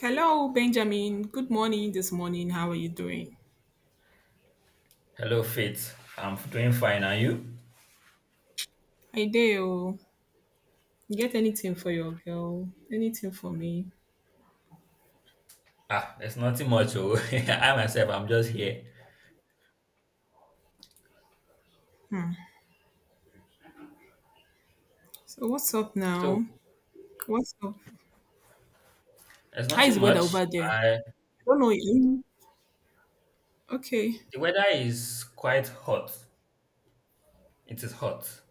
Hello, Benjamin. Good morning this morning. How are you doing? Hello, Faith. I'm doing fine. Are you? I do. You get anything for your girl? Anything for me? Ah, it's nothing much. Oh, I myself, I'm just here. Hmm. So what's up So, now? What's up? it's How is nothing the weather much. over there? I I, don't know. Okay. the weather is quite hot. It is hot.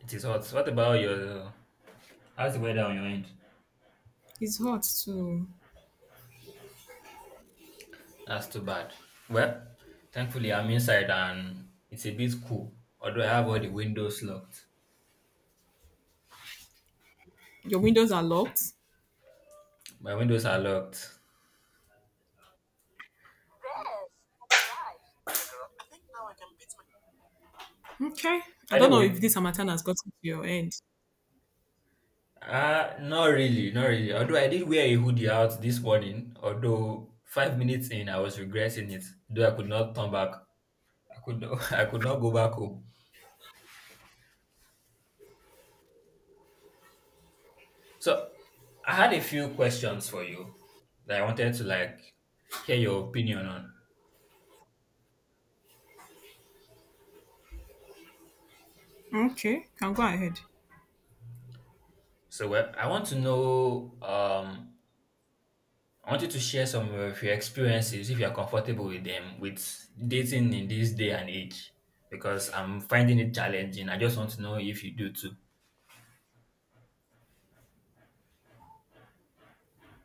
It is hot. What about your? How's the weather on your end? It's hot too. That's too bad. Well, thankfully I'm inside and it's a bit cool. Although I have all the windows locked. Your windows are locked. My windows are locked. Okay. I don't know if Anyway, this Hamatan has gotten to your end. Not really, not really. Although I did wear a hoodie out this morning, although 5 minutes in, I was regretting it. Though I could not turn back, I could not, I could not go back home. So I had a few questions for you that I wanted to like hear your opinion on. Okay. Can go ahead. So well, I want you to share some of your experiences if you are comfortable with them with dating in this day and age, because I'm finding it challenging. I just want to know if you do too.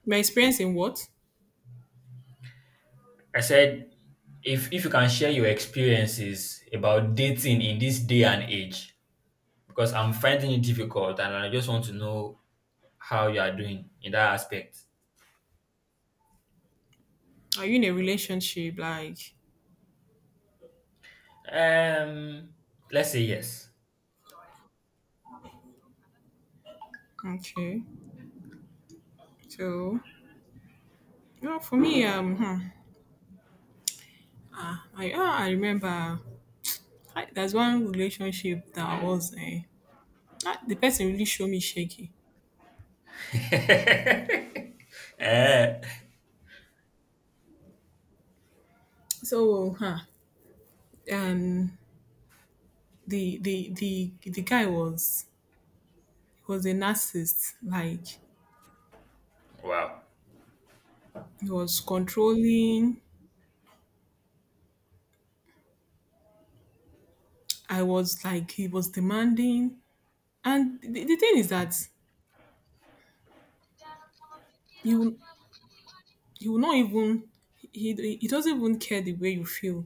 My experience in what? I said, if you can share your experiences about dating in this day and age, because I'm finding it difficult, and I just want to know how you are doing in that aspect. Are you in a relationship? Like, Um, let's say yes. okay. So, no, for me, Ah, I remember. There's one relationship that was in. Ah, the person really showed me shaky. Eh, So, um, the guy was a narcissist. Like wow. he was controlling. I was like he was demanding. And the thing is that you you will not even he doesn't even care the way you feel.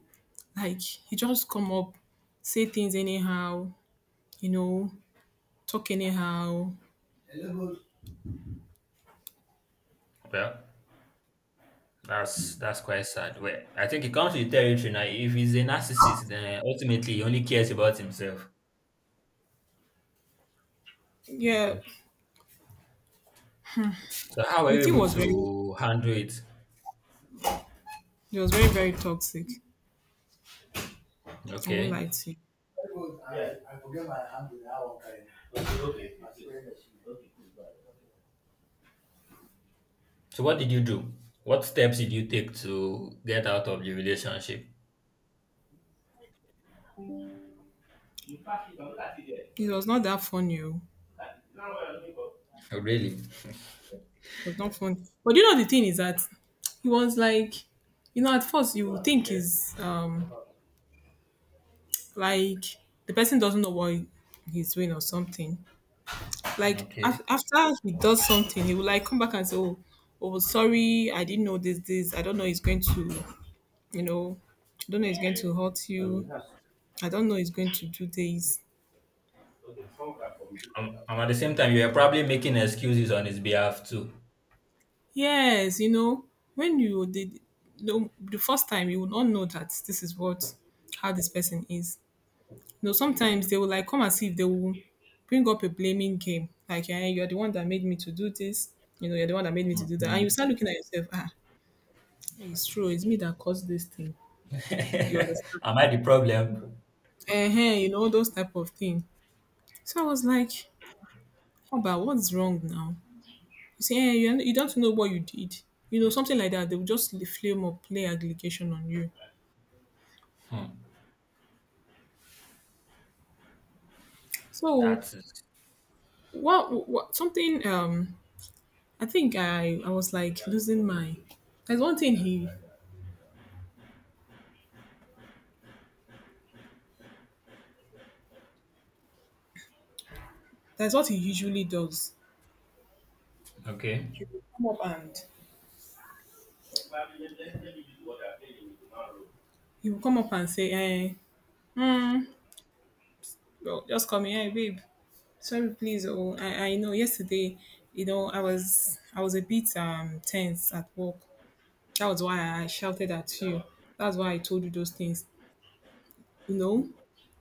Like he just come up, say things anyhow. You know, talk anyhow. Well, that's quite sad. Well, I think it comes with territory now. If he's a narcissist, then ultimately he only cares about himself. Yeah, So how are the you thing able was very, to handle it? it was very, very toxic. I won't Okay. lie to you. So what did you do? What steps did you take to get out of the relationship? It was not that funny, oh. Oh, really? It was not fun. But you know, the thing is that he was like, you know, at first you would think is like the person doesn't know what he's doing or something. Like Okay. After he does something, he will like come back and say, oh, oh, sorry, I didn't know this, this. I don't know. He's going to, you know, I don't know. He's going to hurt you. I don't know. He's going to do this. And at the same time, you were probably making excuses on his behalf too. Yes, you know, when you did the first time you will not know that this is what how this person is. You know, sometimes they will like come and see if they will bring up a blaming game. Like, yeah, you're the one that made me to do this, you know, you're the one that made me to do that. And you Mhm. start looking at yourself, ah, it's true, it's me that caused this thing. You understand? Am I the problem? You know, those type of thing. So I was like, "How about what's wrong now? You say, eh, you don't know what you did." You know, something like that. They will just flame or play allegation on you. Hmm. So That's it. What something I think I was like losing my there's one thing he there's what he usually does. Okay. He will come up and say, eh, hmm, well, just call me, hey babe, sorry please, oh, I know yesterday, you know, I was a bit tense at work, that was why I shouted at you, that's why I told you those things, you know.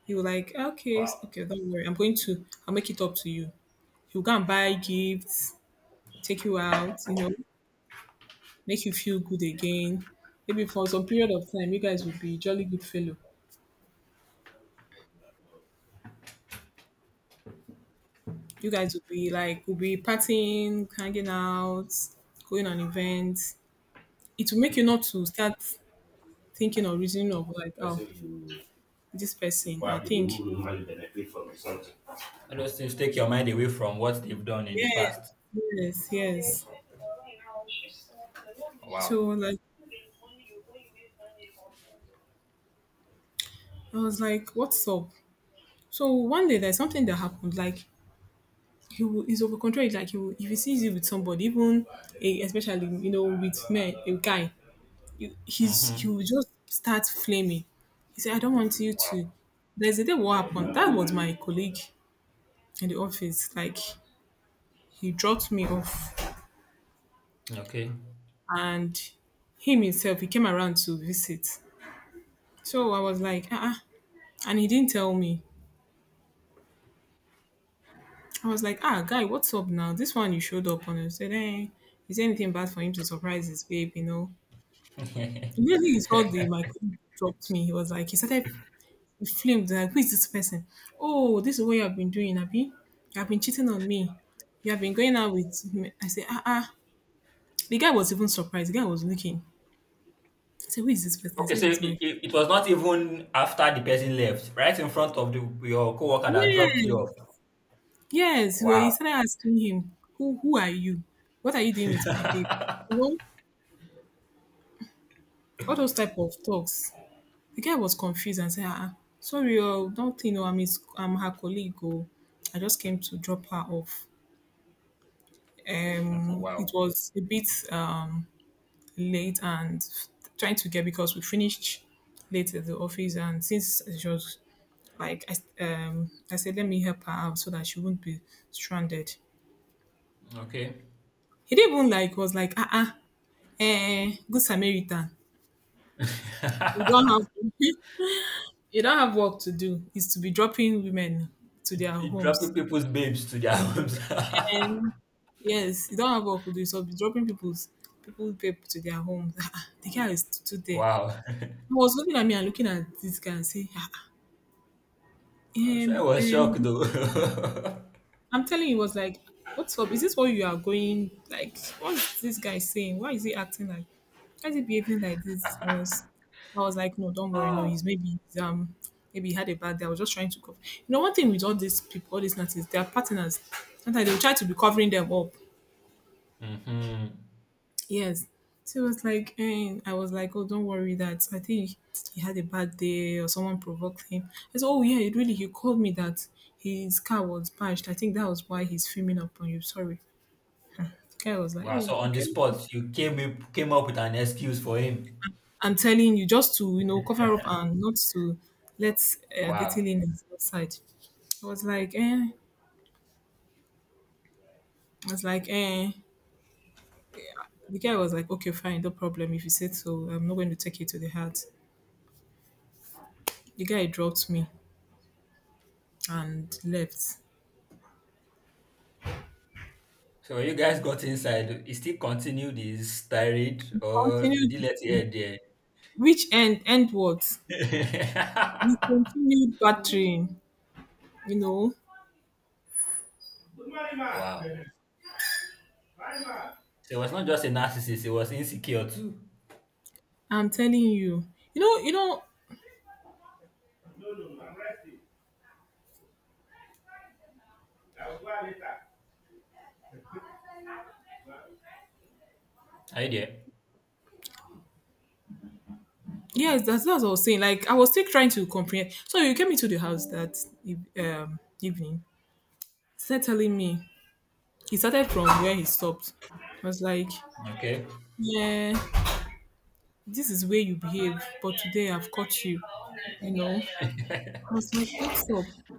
He was like, okay, Wow. okay, don't worry, I'll make it up to you. He'll go and buy gifts, take you out, you know, make you feel good again. Maybe for some period of time, you guys will be jolly good fellow. You guys will be like, will be partying, hanging out, going on events. It will make you not to start thinking or reasoning of like, oh, this person. I think, All those things take your mind away from what they've done in the yes, past. yes, yes. So Wow. like I was like, what's up? So one day there's something that happened. Like he's over controlled. Like he will, if he sees you with somebody, even eh, especially you know with men, a guy, he Mm-hmm. will just start flaming. He said, "I don't want you Wow. to." There's a day what happened. That was my colleague in the office. Like he dropped me off, Okay. and him himself he came around to visit. So I was like, ah, uh, and he didn't tell me. I was like, ah, guy, what's up now? This one you showed up on. I said, eh, is there anything bad for him to surprise his babe? You know, immediately he saw the my colleague dropped me, he was like, he flamed like, who is this person? Oh, this is what you have been doing, Abby. You have been cheating on me. You have been going out with me. I said, ah, ah. The guy was even surprised. The guy was looking. I said, who is this person? I Okay, so said, it's it, my. it, it was not even after the person left, right in front of your coworker that Yeah, dropped you off. yes. Well, Wow. he started asking him, who are you? What are you doing with my babe? You know, all those type of talks. The guy was confused and said, ah, ah, sorry, oh, don't think, oh, I'm his, I'm her colleague, oh. I just came to drop her off. It Wow. was a bit late and trying to get because we finished late at the office, and since she was like, I said, let me help her out so that she wouldn't be stranded. Okay. He didn't even like was like, ah, uh-uh, eh, good Samaritan. You don't it, have you don't have work to do. It's to be dropping women to their it dropping homes. people's babes to their homes. And yes, you don't have work to do. So be dropping people to their homes. The guy is still there. Wow. He was looking at me and looking at this guy and saying, "Ah, ah, I'm sure I um, was shocked um, though. I'm telling you, he was like, what's up? Is this what you are going, like, what's this guy saying? Why is he acting like, why is he behaving like this? I was like, no, don't worry. No, Ah. He's, maybe he had a bad day. I was just trying to cover. You know, one thing with all these people, all these nuts is they are partners. Sometimes they will try to be covering them up. Hmm. Yes. So it was like, and I was like, oh, don't worry that I think he had a bad day or someone provoked him. I said, oh, yeah, it really, he called me that his car was bashed. I think that was why he's filming up on you. Sorry. The guy was like, Wow. oh, So on the okay. spot, you came up with an excuse for him. I'm telling you just to, you know, cover up and not to let the Wow. thing in outside. I was like, eh. I was like, eh. The guy was like, okay, fine, no problem. If you said so, I'm not going to take it to the heart. The guy dropped me and left. So when you guys got inside, he still continued his tirade He or did he let it continued. end there? Which end what? We continued battering, you know. Wow. So it was not just a narcissist, it was insecure too. I'm telling you. You know, Are you there? yes, that's what I was saying. Like I was still trying to comprehend. So you came into the house that evening, started telling me. He started from where he stopped. I was like, Okay. yeah, this is where you behave, but today I've caught you, you know. I was like, what's up?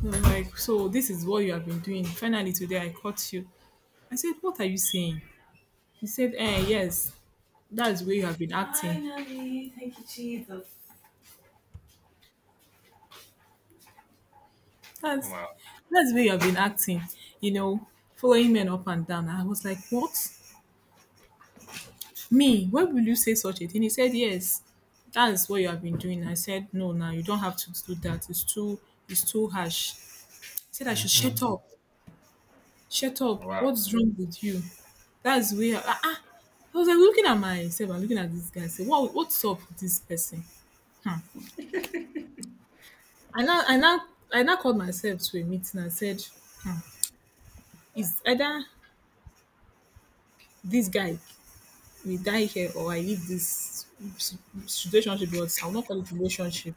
They were like, so this is what you have been doing. Finally today I caught you. I said, what are you saying? He said, eh, yes. That's where you have been acting. Finally, thank you, Jesus. That's Wow. that's where you have been acting. You know, following men up and down. I was like, what? Me? Why will you say such a thing? He said, yes. That's what you have been doing. I said, no, now you don't have to do that. It's too harsh. He said, I should shut Hmm. up. Shut up. Wow, What's wrong with you? That's where ah, ah. I was like looking at myself and looking at this guy. I said, what what's up with this person? Hmm. I now I now I now called myself to a meeting and said, hmm, it's either this guy will die here or I leave this situationship. Was I will not call it relationship.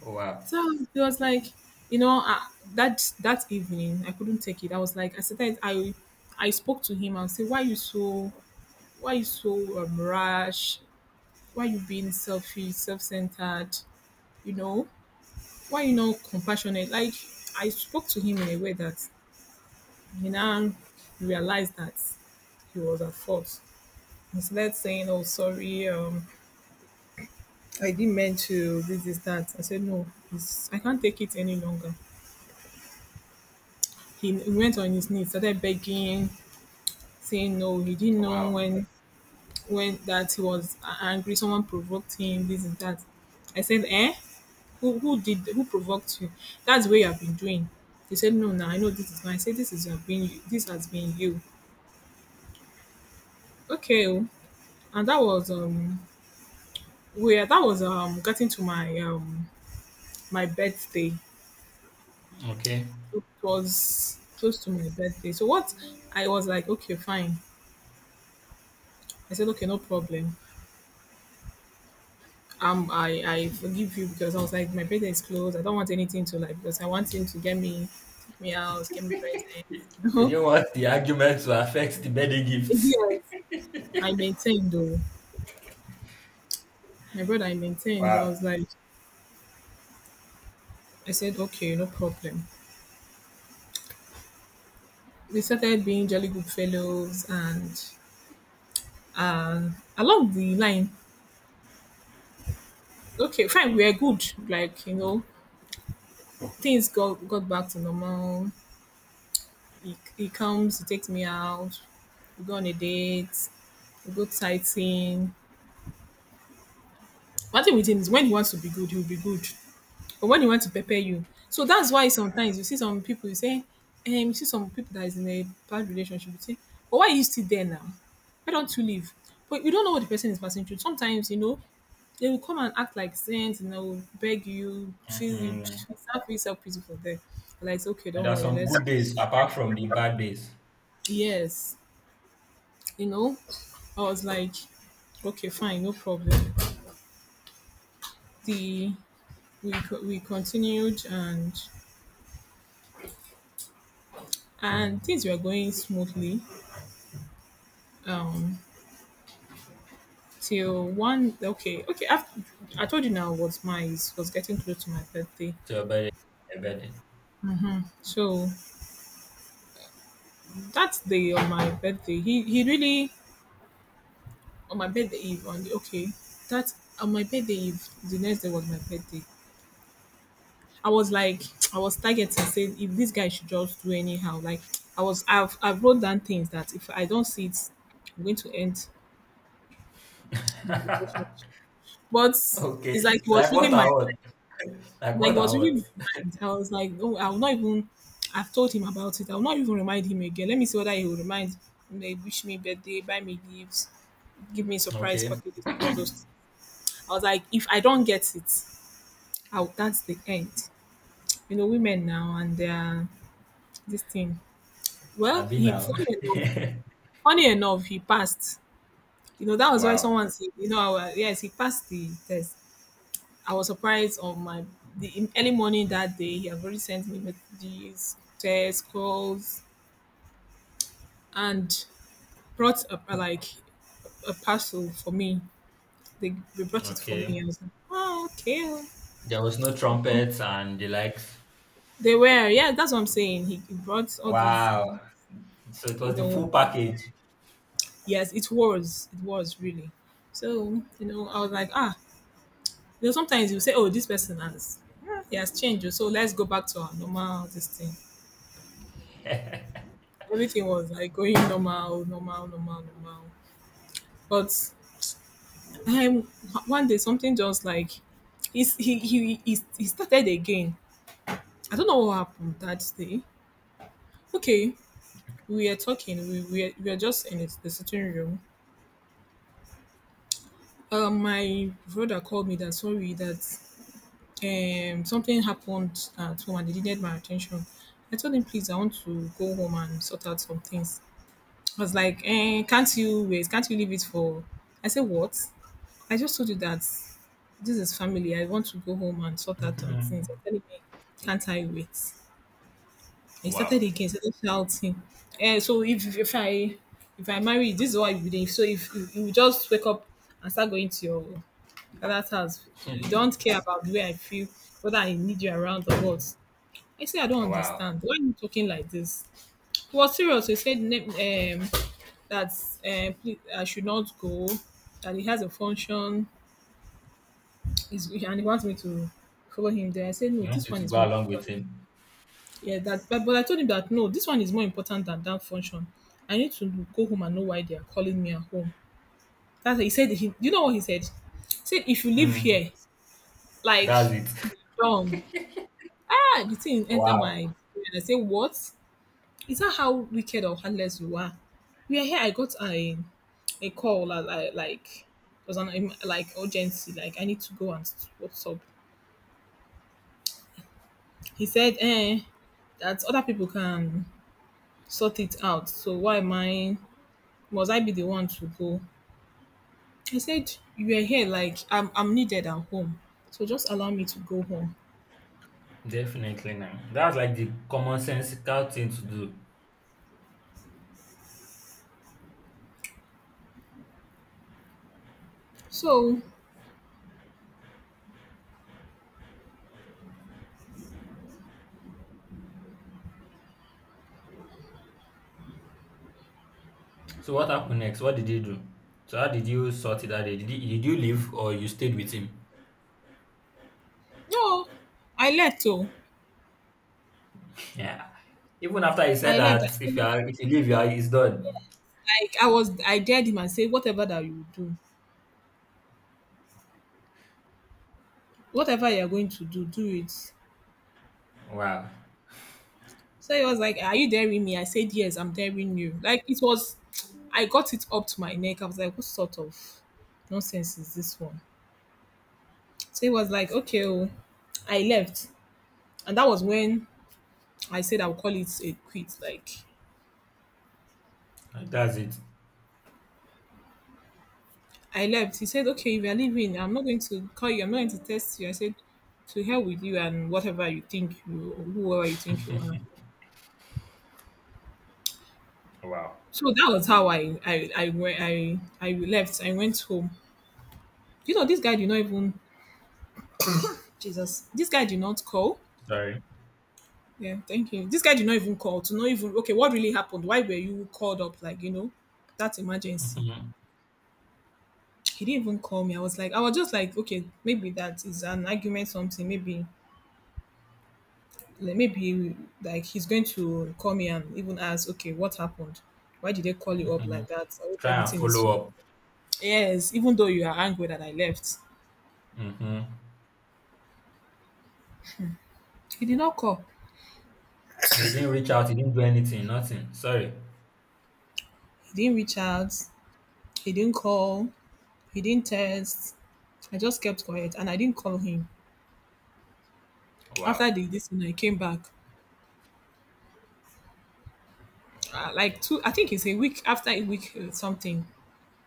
wow, So it was like, you know, that that evening I couldn't take it. I was like, I said I spoke to him and said, why you so rash? Why you being selfish, self centered? You know, why you not compassionate? Like I spoke to him in a way that he now realized that he was at fault. Instead saying, oh sorry, I didn't meant to this, is that. I said, no, it's, I can't take it any longer. He went on his knees, started begging, saying no. He didn't know wow. when that he was angry, someone provoked him, this and that. I said, eh? Who did who provoked you? That's what you have been doing. He said, no, now I know this is mine. I said, this is you have been this has been you. Okay, oh. And that was where that was getting to my my birthday. Okay. It was close to my birthday. So what I was like, okay, fine. I said, okay, no problem. I forgive you because I was like, my birthday is close. I don't want anything to like because I want him to get me, take me out, get me You presents. didn't want the argument to affect the birthday gifts. Yes, I maintained though. My brother, I maintained. I Wow. was like, I said, okay, no problem. We started being jolly good fellows and along the line, okay, fine, we are good. Like, you know, things got back to normal. He comes, he takes me out, we go on a date, we go sightseeing. One thing with him is when he wants to be good, he'll be good. But when he wants to prepare you, so that's why sometimes you see some people you say, you see some people that is in a bad relationship, you say, but why are you still there now? Why don't you leave? But you don't know what the person is passing through. Sometimes, you know, they will come and act like saints, you know, beg you, feel you Mhm. start feel yourself pity for them. Like, it's okay, And don't there are worry, some let's good days apart from the bad days yes, you know. I was like, okay, fine, no problem. The we continued and things were going smoothly. Um, Till one okay. After, I told you now was my was getting close to my birthday. to your birthday. Your birthday. So that day on my birthday, he really on my birthday eve on the okay that on my birthday eve the next day was my birthday. I was like, I was targeting, saying if this guy should just do anyhow. Like, I've wrote down things that if I don't see it, I'm going to end the relationship. But Okay. it's like it was Like what really I what? Like like it what I was really what? my mind. I was like, oh, I'll not even. I've told him about it. I'll not even remind him again. Let me see whether he will remind. They wish me birthday, buy me gifts, give me surprise Okay. packages, all those. Things. I was like, if I don't get it, I'll, that's the end. You know, women now and their this thing. Well, I've been he now. funny enough, Funny enough, he passed. You know, that was why Wow. someone said, you know, yes, he passed the test. I was surprised on my the in early morning that day. He had already sent me messages, texts, calls, and brought a like a parcel for me. They brought it for me. I Okay. was like, oh, okay. There was no trumpets and the likes. They were, yeah, that's what I'm saying. He brought all these, Wow. So it you was the full know, package. yes, it was really. So, you know, I was like, ah, you know, sometimes you say, "Oh, this person has he has changed, so let's go back to our normal this thing." Everything was like going normal, normal, normal, normal. But um, one day something just like he's, he started again. I don't know what happened that day. Okay, we were talking. We were just in the sitting room. My brother called me that sorry that something happened at home and they needed my attention. I told him please I want to go home and sort out some things. I was like, eh, can't you wait? Can't you leave it for? I said, what? I just told you that this is family. I want to go home and sort out some things. You're Mhm. telling me, can't I wait? He started Wow. again, started shouting. Eh, so if I marry, this is what you do. So if you just wake up and start going to your father's house, you don't care about the way I feel, whether I need you around or what. I said, I don't Wow. understand. Why are you talking like this? He was serious. He said, that please, I should not go, that he has a function, is and he wants me to follow him there. I said, no, You want this it one to is go more along with important. him. Yeah, that, but I told him that, no, this one is more important than that function. I need to go home and know why they are calling me at home. That's he said, he, you know what he said? He said, if you live Mm, here, that's like, it. done. Ah, the thing enter my Wow. brain. I say, what? Is that how wicked or heartless you are? We are here. I got a call like it was an like urgency like I need to go and what's up. He said eh that other people can sort it out. So why am I must I be the one to go? I said, you are here. I'm needed at home, so just allow me to go home, Definitely now. That's like the common sensical thing to do. so So what happened next? What did you do? So how did you sort it out? Did you leave or you stayed with him? no. I left. Oh, Yeah. Even after he said I left. I that if said, you are, if you leave, you are, it's done. like I was I dared him and say whatever that you do, whatever you're going to do, do it. Wow. So he was like, are you daring me? I said, yes, I'm daring you. Like, it was, I got it up to my neck. I was like, what sort of nonsense is this one? So he was like, okay, oh. I left. And that was when I said I'll call it a quit. Like, That's it. I left. He said, okay, if you're leaving, I'm not going to call you. I'm not going to test you. I said, to hell with you and whatever you think you, whoever you think you are. Wow. So that was how I went I left. I went home. You know, this guy did not even Jesus. This guy did not call. Sorry. Yeah, thank you. This guy did not even call to not even okay, what really happened? Why were you called up? Like, you know, that emergency. Hmm. He didn't even call me. I was like, I was just like, okay, maybe that is an argument, something. Maybe like he's going to call me and even ask, okay, what happened? Why did they call you up like that? I hope Try and everything follow is. up. Yes, even though you are angry that I left, Hmm. he did not call. So he didn't reach out. He didn't do anything. Nothing. Sorry. He didn't reach out. He didn't call. He didn't text. I just kept quiet and I didn't call him. After Wow. the this, when I came back, like two I think it's a week after a week something,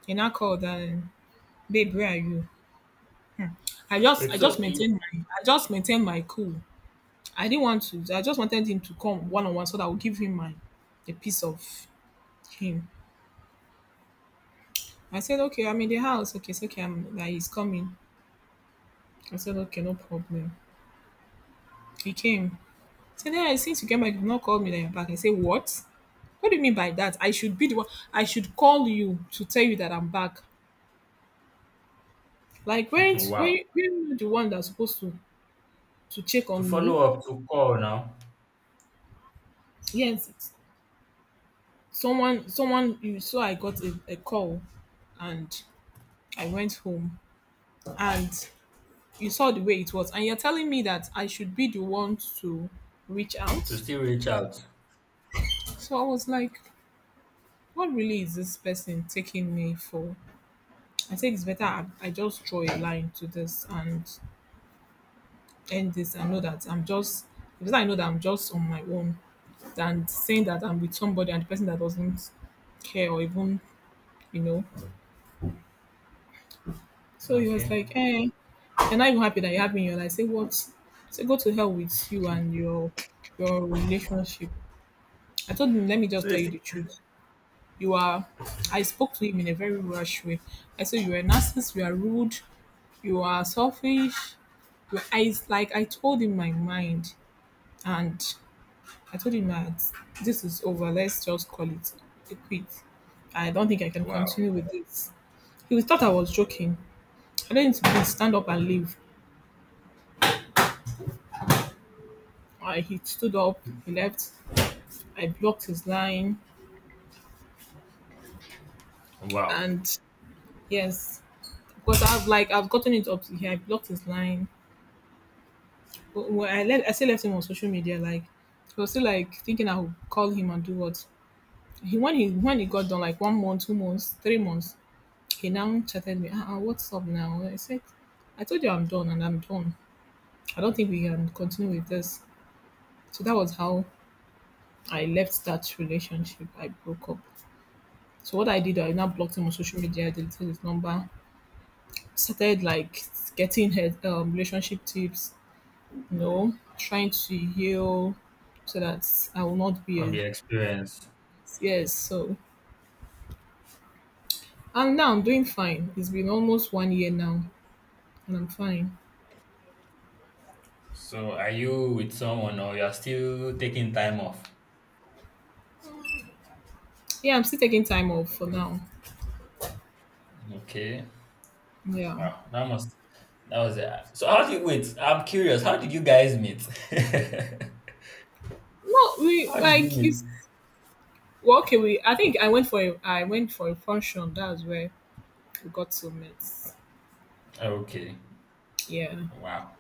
and I called babe where are you. Wait. I just maintained my cool. I didn't want to. I just wanted him to come one-on-one so that I would give him my a piece of him. I said, okay, I'm in the house. Okay, it's okay. I'm like, he's coming. I said, okay, no problem. He came. I said, yeah, since you came back you did not call me that you're back. I said, what do you mean by that? I should be the one I should call you to tell you that I'm back. Like weren't Wow. Were you the one that's supposed to check To on follow me? up, to call now, Yes, it's someone, you saw I got a call and I went home and you saw the way it was. And you're telling me that I should be the one to reach to out. still reach out. So I was like, what really is this person taking me for? I think it's better I just draw a line to this and end this. I know that I'm just, because I know that I'm just on my own than saying that I'm with somebody and the person that doesn't care or even, you know. So he was Okay. like, eh, you're not even happy that you have me in your life. Say what? Say go to hell with you and your relationship. I told him, let me So just tell you it's the truth. You are I spoke to him in a very rush way. I said, you are a narcissist, you are rude, you are selfish. You I like I told him my mind and I told him that this is over. Let's just call it a quit. I don't think I can wow, continue with this. He thought I was joking. I told him to please stand up and leave. He stood up, he left. I blocked his line, wow, and yes, because I've like I've gotten it up to here. I blocked his line. But when I let I still left him on social media. Like I was still like thinking I would call him and do what he when he when he got done like 1 month, 2 months, 3 months. He now chatted me. Ah, what's up now? I said, I told you I'm done and I'm done. I don't think we can continue with this. So that was how I left that relationship. I broke up. So what I did, I now blocked him on social media, deleted his number, started like getting her relationship tips, you know, trying to heal so that I will not be from the a experience. yes. So and now I'm doing fine. It's been almost 1 year now, and I'm fine. So are you with someone or you're still taking time off? Yeah, I'm still taking time off for now. Okay. Yeah, Wow, that was it. So how did wait? I'm curious. How did you guys meet? no, we How did you like meet? it's well, okay. We I think I went for a function. That was where we got to meet. Okay. Yeah, Wow.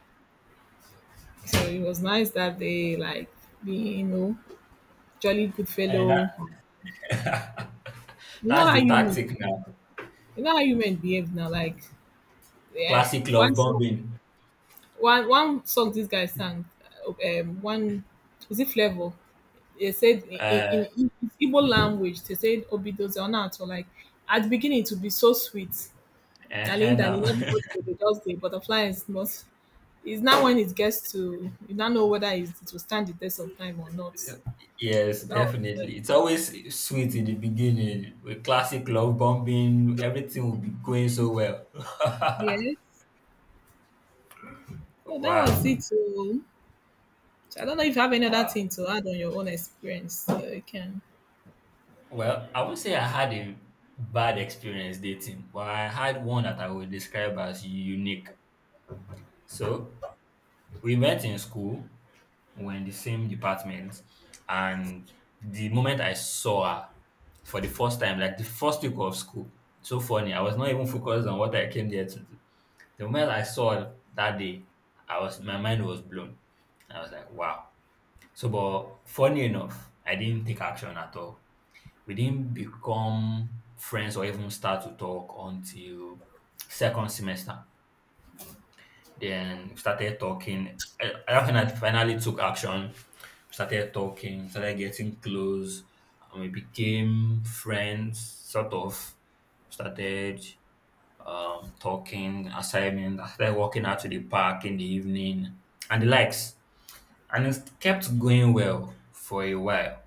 so it was nice that they like being jolly good And that fellow. You know that's how the you tactic now. You know how women behave now, like yeah, Classic one love song, bombing. one song this guy sang, one. Is it Flavor? They said in Uh, in, in Igbo language, they said obidoze onato. Like at the beginning, it would be so sweet, darling, now. darling, everybody go dey just the butterfly is not. It's now when it gets to you now know whether it will stand the test of time or not. So Yes, that was it. definitely. It's always sweet in the beginning with classic love bombing. Everything will be going so well. Yes. So that was Wow. it. So I don't know if you have any other Wow. thing to add on your own experience. So you can. Well, I would say I had a bad experience dating, but I had one that I would describe as unique. So we met in school, we're in the same department, and the moment I saw her for the first time, like the first week of school, so funny. I was not even focused on what I came there to do. The moment I saw it that day, I was my mind was blown. I was like, wow. So, but funny enough, I didn't take action at all. We didn't become friends or even start to talk until second semester. Then we started talking. I think I finally took action. We started talking, started getting close, and we became friends, sort of. Started talking, assignment. I started walking out to the park in the evening and the likes. And it kept going well for a while.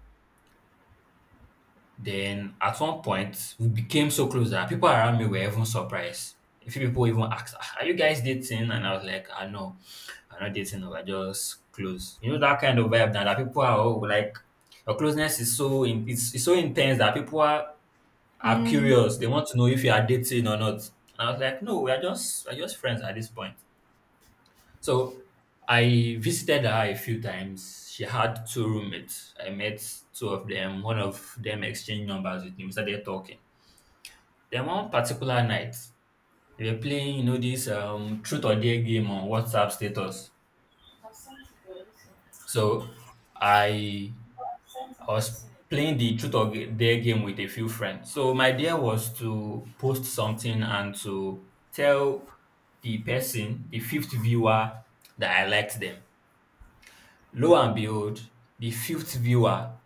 Then at one point, we became so close that people around me were even surprised. A few people even asked, "Ah, are you guys dating? And I was like, I know, I'm not dating, no, we're just close. You know, that kind of vibe that, people are all like, your closeness is so in, it's so intense that people are Mm. curious. They want to know if you are dating or not. And I was like, no, we're just friends at this point. So I visited her a few times. She had two roommates. I met two of them. One of them exchanged numbers with me. We started talking. Then one particular night, they were playing, you know, this truth or dare game on WhatsApp status. So I I was playing the truth or dare game with a few friends. So my idea was to post something and to tell the person, the fifth viewer, that I liked them. Lo and behold, the fifth viewer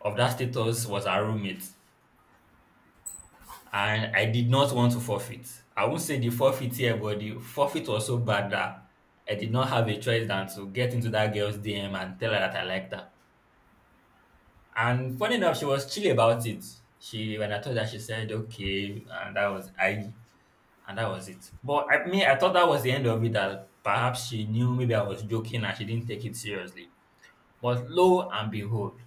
of that status was our roommate, and I did not want to forfeit. I won't say the forfeit here, but the forfeit was so bad that I did not have a choice than to get into that girl's DM and tell her that I liked her. And funny enough, she was chill about it. She when I told her, she said okay, and and that was it. But I mean, I thought that was the end of it. That perhaps she knew maybe I was joking and she didn't take it seriously. But lo and behold,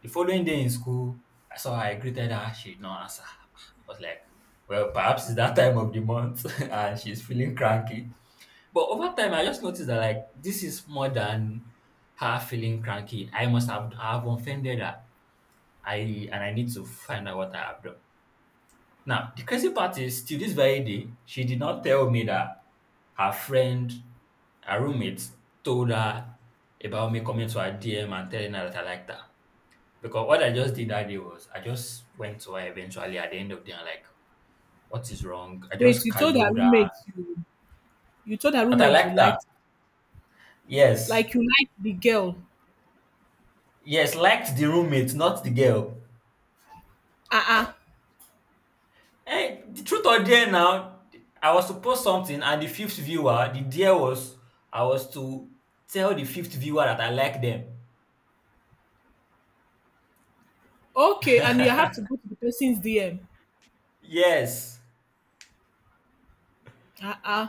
the following day in school, I saw her, I greeted her, she did not answer. I was like, well, perhaps it's that time of the month and she's feeling cranky. But over time, I just noticed that, like, this is more than her feeling cranky. I have offended her. I need to find out what I have done. Now, the crazy part is, till this very day, she did not tell me that her friend, her roommate, told her about me coming to her DM and telling her that I liked her. Because what I just did that day was I just went to her eventually at the end of the day, I like, what is wrong? I Wait, just you told her cajoled her. roommate you told her That I roommate you liked her. liked Yes. You liked the girl. Yes, liked the roommate, not the girl. Uh-uh. Hey, the truth or dare now, I was to post something and the fifth viewer, the dare was I was to tell the fifth viewer that I like them. Okay, and you have to go to the person's DM. Yes. Uh-uh.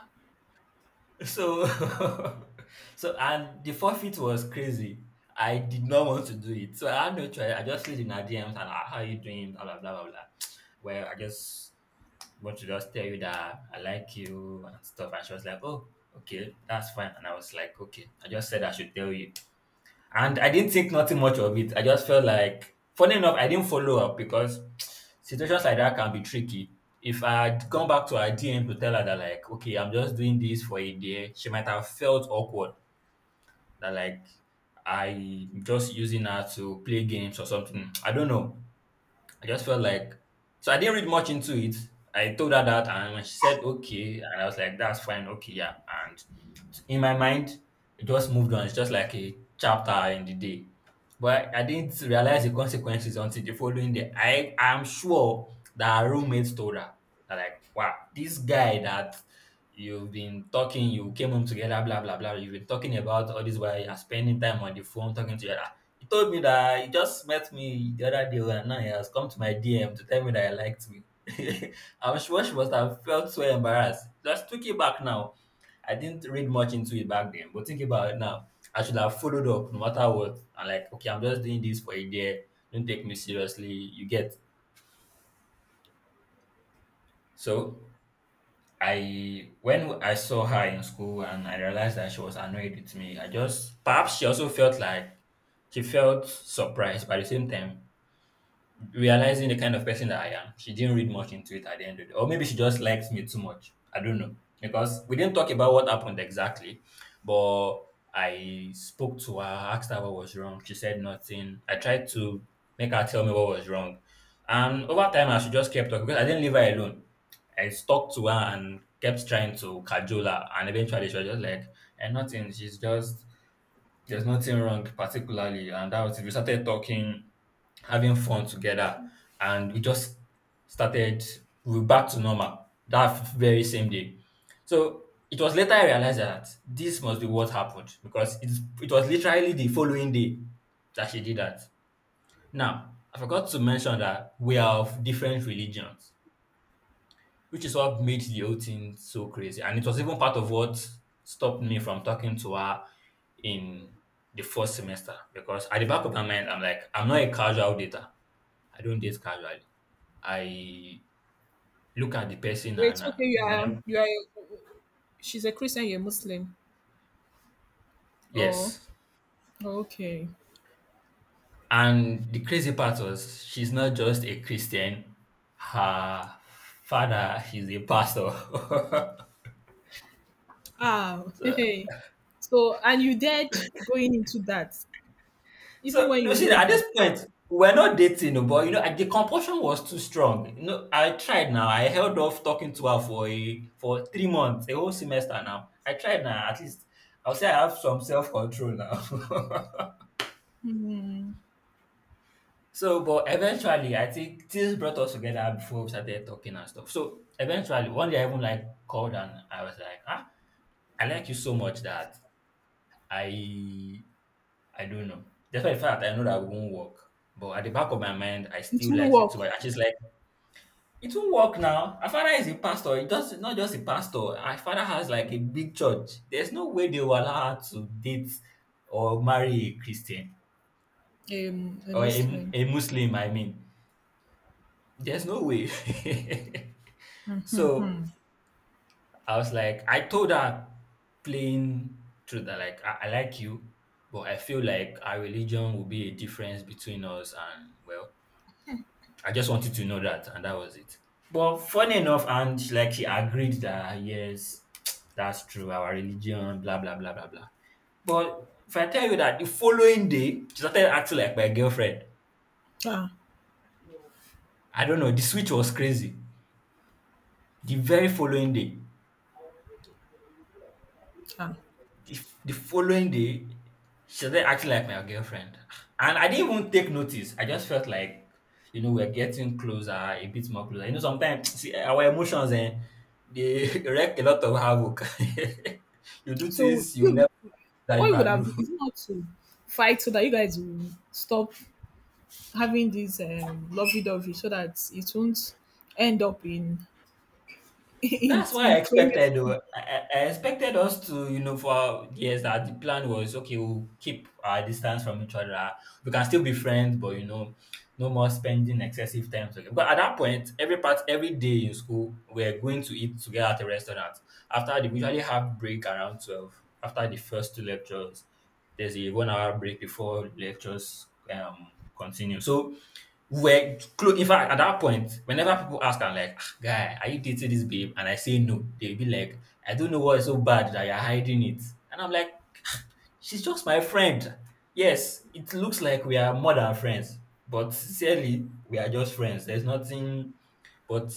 So, so and the forfeit was crazy. I did not want to do it, so I had no choice. I just slid in her DMs and "Ah, how you doing? Blah blah blah blah. Blah. Well, I just want to just tell you that I like you and stuff. And she was like, oh, okay, that's fine. And I was like, okay. I just said I should tell you. And I didn't think nothing much of it. I just felt like, funny enough, I didn't follow up because situations like that can be tricky. If I had gone back to her DM to tell her that, like, okay, I'm just doing this for a day, she might have felt awkward that, like, I'm just using her to play games or something. I don't know. I just felt like so I didn't read much into it. I told her that, and when she said okay, and I was like, "That's fine, okay, yeah." And in my mind, it just moved on. It's just like a chapter in the day. But I didn't realize the consequences until the following day. I am sure that her roommates told her that, like, "Wow, this guy that you've been talking, you came home together, blah blah blah. You've been talking about all this while you're spending time on the phone talking to your he told me that he just met me the other day and now he has come to my DM to tell me that he liked me. I'm sure she must have felt so embarrassed. Just took it back now. I didn't read much into it back then, but think about it now. I should have followed up no matter what. I'm like, okay, I'm just doing this for a day. Don't take me seriously. You get. So, I when I saw her in school and I realized that she was annoyed with me, I just perhaps she also felt like she felt surprised. But at the same time, realizing the kind of person that I am, she didn't read much into it at the end of the day. Or maybe she just likes me too much. I don't know. Because we didn't talk about what happened exactly, but I spoke to her, asked her what was wrong. She said nothing. I tried to make her tell me what was wrong. And over time, as she just kept talking, because I didn't leave her alone, I stuck to her and kept trying to cajole her. And eventually, she was just like, and nothing. She's just there's nothing wrong particularly. And that was it. We started talking, having fun together, and we just started we were back to normal that very same day. So it was later I realized that this must be what happened because it was literally the following day that she did that. Now, I forgot to mention that we are of different religions, which is what made the whole thing so crazy. And it was even part of what stopped me from talking to her in the first semester, because at the back of my mind, I'm like, I'm not a casual dater. I don't date casually. I look at the person Wait, and okay, whenever, you are she's a Christian, you're Muslim. Oh, yes. okay. And the crazy part was she's not just a Christian. Her father is a pastor. Ah, so hey. So and you dared going into that, even So, you when know, you see, know at this that. point, we're not dating, oh, but you know, the compulsion was too strong. You know, I tried now. I held off talking to her for a for 3 months, a whole semester now. I tried now. At least I'll say I have some self control now. Mm. so, but eventually, I think things brought us together before we started talking and stuff. So, eventually, one day I even like called and I was like, ah, I like you so much that I I don't know. Despite the fact that I know that it won't work, but at the back of my mind, I It still won't like it so work. much. And she's like, it won't work now. Our father is a pastor. It does not just a pastor. Our father has like a big church. There's no way they will allow her to date or marry a Christian A or a, Muslim. a Muslim. I mean, there's no way. so I was like, I told her plain truth that like I like you, but I feel like our religion will be a difference between us. And well, I just wanted to know that, and that was it. But funny enough, and like he agreed that yes, that's true, our religion, blah blah blah blah blah. But if I tell you that the following day, she started acting like my girlfriend. Ah, I don't know, the switch was crazy. The very following day. ah. The following day, she started acting like my girlfriend. And I didn't even take notice. I just felt like, you know, we're getting closer, a bit more closer. You know, sometimes see, our emotions eh, they wreck a lot of havoc. You do So things you you never that What you you would can have done do. is not to fight so that you guys will stop having this lovey-dovey so that it won't end up in in That's what I in problem. expected. Though. I expected us to, you know, for years that the plan was okay. We'll keep our distance from each other. We can still be friends, but you know, no more spending excessive time together. But at that point, every part, every day in school, we're going to eat together at a restaurant. We usually have break around 12. After the first two lectures, there's a 1 hour break before lectures continue. So were close. In fact, at that point, whenever people ask, I'm like, "Ah, guy, are you dating this babe?" And I say no, they'll be like, I don't know what's so bad that you're hiding it. And I'm like, she's just my friend. Yes, it looks like we are more than friends, but sincerely, we are just friends. There's nothing, but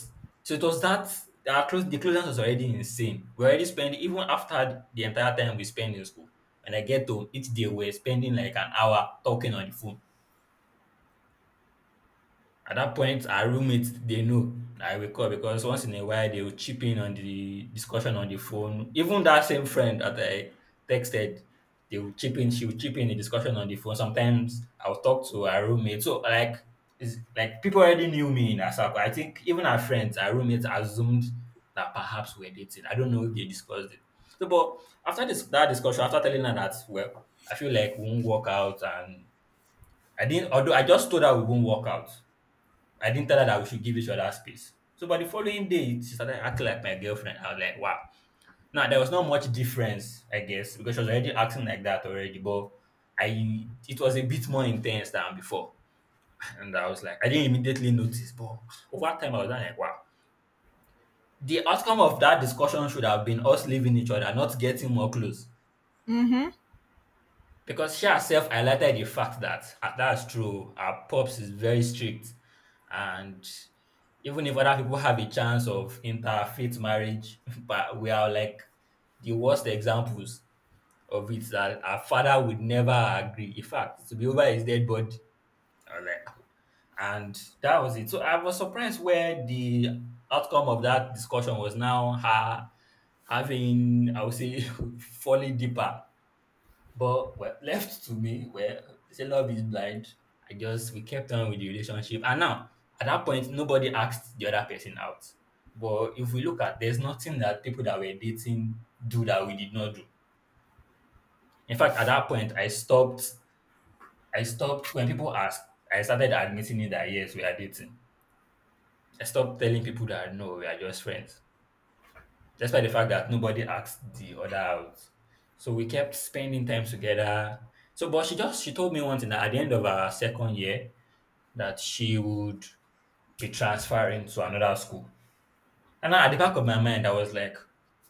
so it was that our close the closeness was already insane. We already spent even after the entire time we spent in school. When I get home, each day we're spending like an hour talking on the phone at that point. Our roommates, they know I will call because once in a while they will chip in on the discussion on the phone. Even that same friend that I texted, they will chip in, she will chip in the discussion on the phone. Sometimes I'll talk to our roommate. So like it's like people already knew me in our circle. I think even our friends, our roommates assumed that perhaps we're dating. I don't know if they discussed it. So but after this that discussion, after telling her that well, I feel like we won't work out. And I didn't, although I just told her we won't work out. I didn't tell her that we should give each other space. So by the following day, she started acting like my girlfriend. I was like, wow. Now there was not much difference, I guess, because she was already acting like that already. But I it was a bit more intense than before. And I was like, I didn't immediately notice, but over time I was like, wow. The outcome of that discussion should have been us leaving each other, not getting more close, Mm-hmm. because she herself highlighted the fact that "Ah, that's true. Our pops is very strict, and even if other people have a chance of interfaith marriage, but we are like the worst examples of it. That our father would never agree. In fact, to be over his dead body." I was like, and that was it. So I was surprised where the outcome of that discussion was now her having, I would say, falling deeper but well, left to me, well, they say love is blind. I just we kept on with the relationship, and now at that point, nobody asked the other person out. But if we look at, there's nothing that people that were dating do that we did not do. In fact, at that point, I stopped. I stopped when people asked. I started admitting it that yes, we are dating. I stopped telling people that no, we are just friends, despite the fact that nobody asked the other out. So we kept spending time together. So, but she told me one thing that at the end of our second year that she would be transferring to another school. And now at the back of my mind, I was like,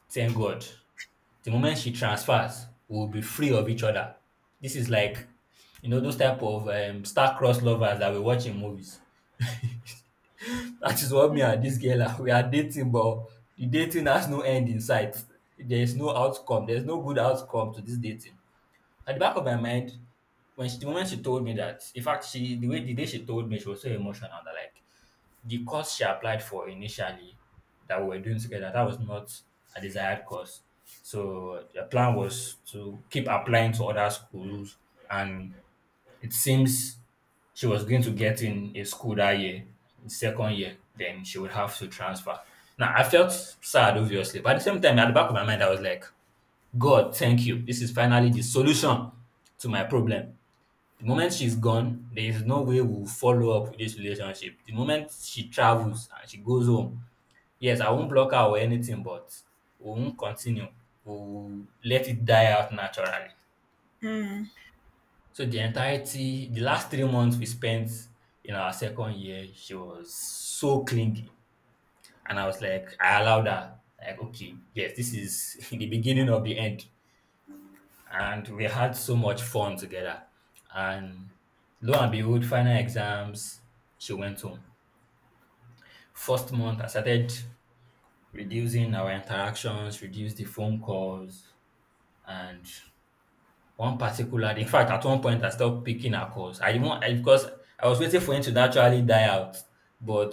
thank God. The moment she transfers, we'll be free of each other. This is like, you know, those type of star-crossed lovers that we watch in movies. That is what me and this girl are. We are dating, but the dating has no end in sight. There is no outcome. There's no good outcome to this dating. At the back of my mind, when she, the moment she told me that, in fact, she the way the day she told me, she was so emotional that like the course she applied for initially that we were doing together, that was not a desired course. So the plan was to keep applying to other schools, and it seems she was going to get in a school that year, in second year, then she would have to transfer. Now, I felt sad, obviously, but at the same time, at the back of my mind, I was like, God, thank you. This is finally the solution to my problem. The moment she's gone, there is no way we'll follow up with this relationship. The moment she travels and she goes home, yes, I won't block her or anything, but we won't continue. We'll let it die out naturally. Mm, So the entirety, the last 3 months we spent in our second year, she was so clingy. And I was like, I allowed her. Like, okay, yes, this is the beginning of the end. And we had so much fun together. And lo and behold, final exams, she went home. First month, I started reducing our interactions, reduce the phone calls. And one particular day, in fact, at one point I stopped picking her calls. I didn't want. I Because I was waiting for him to naturally die out, but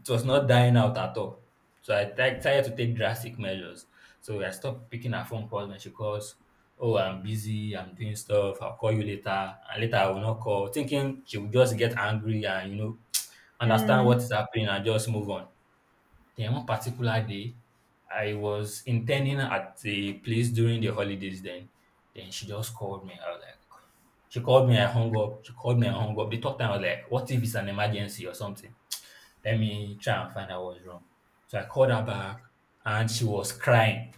it was not dying out at all. So I tried to take drastic measures. So I stopped picking her phone calls. When she calls, "Oh, I'm busy, I'm doing stuff, I'll call you later," and later I will not call, thinking she will just get angry and, understand what mm, is happening and just move on. Then one particular day, I was interning at a place during the holidays then. Then she just called me. I was like, she called me, I hung up. She called me, I hung up. The third time, I was like, what if it's an emergency or something? Let me try and find out what's wrong. So I called her back and she was crying.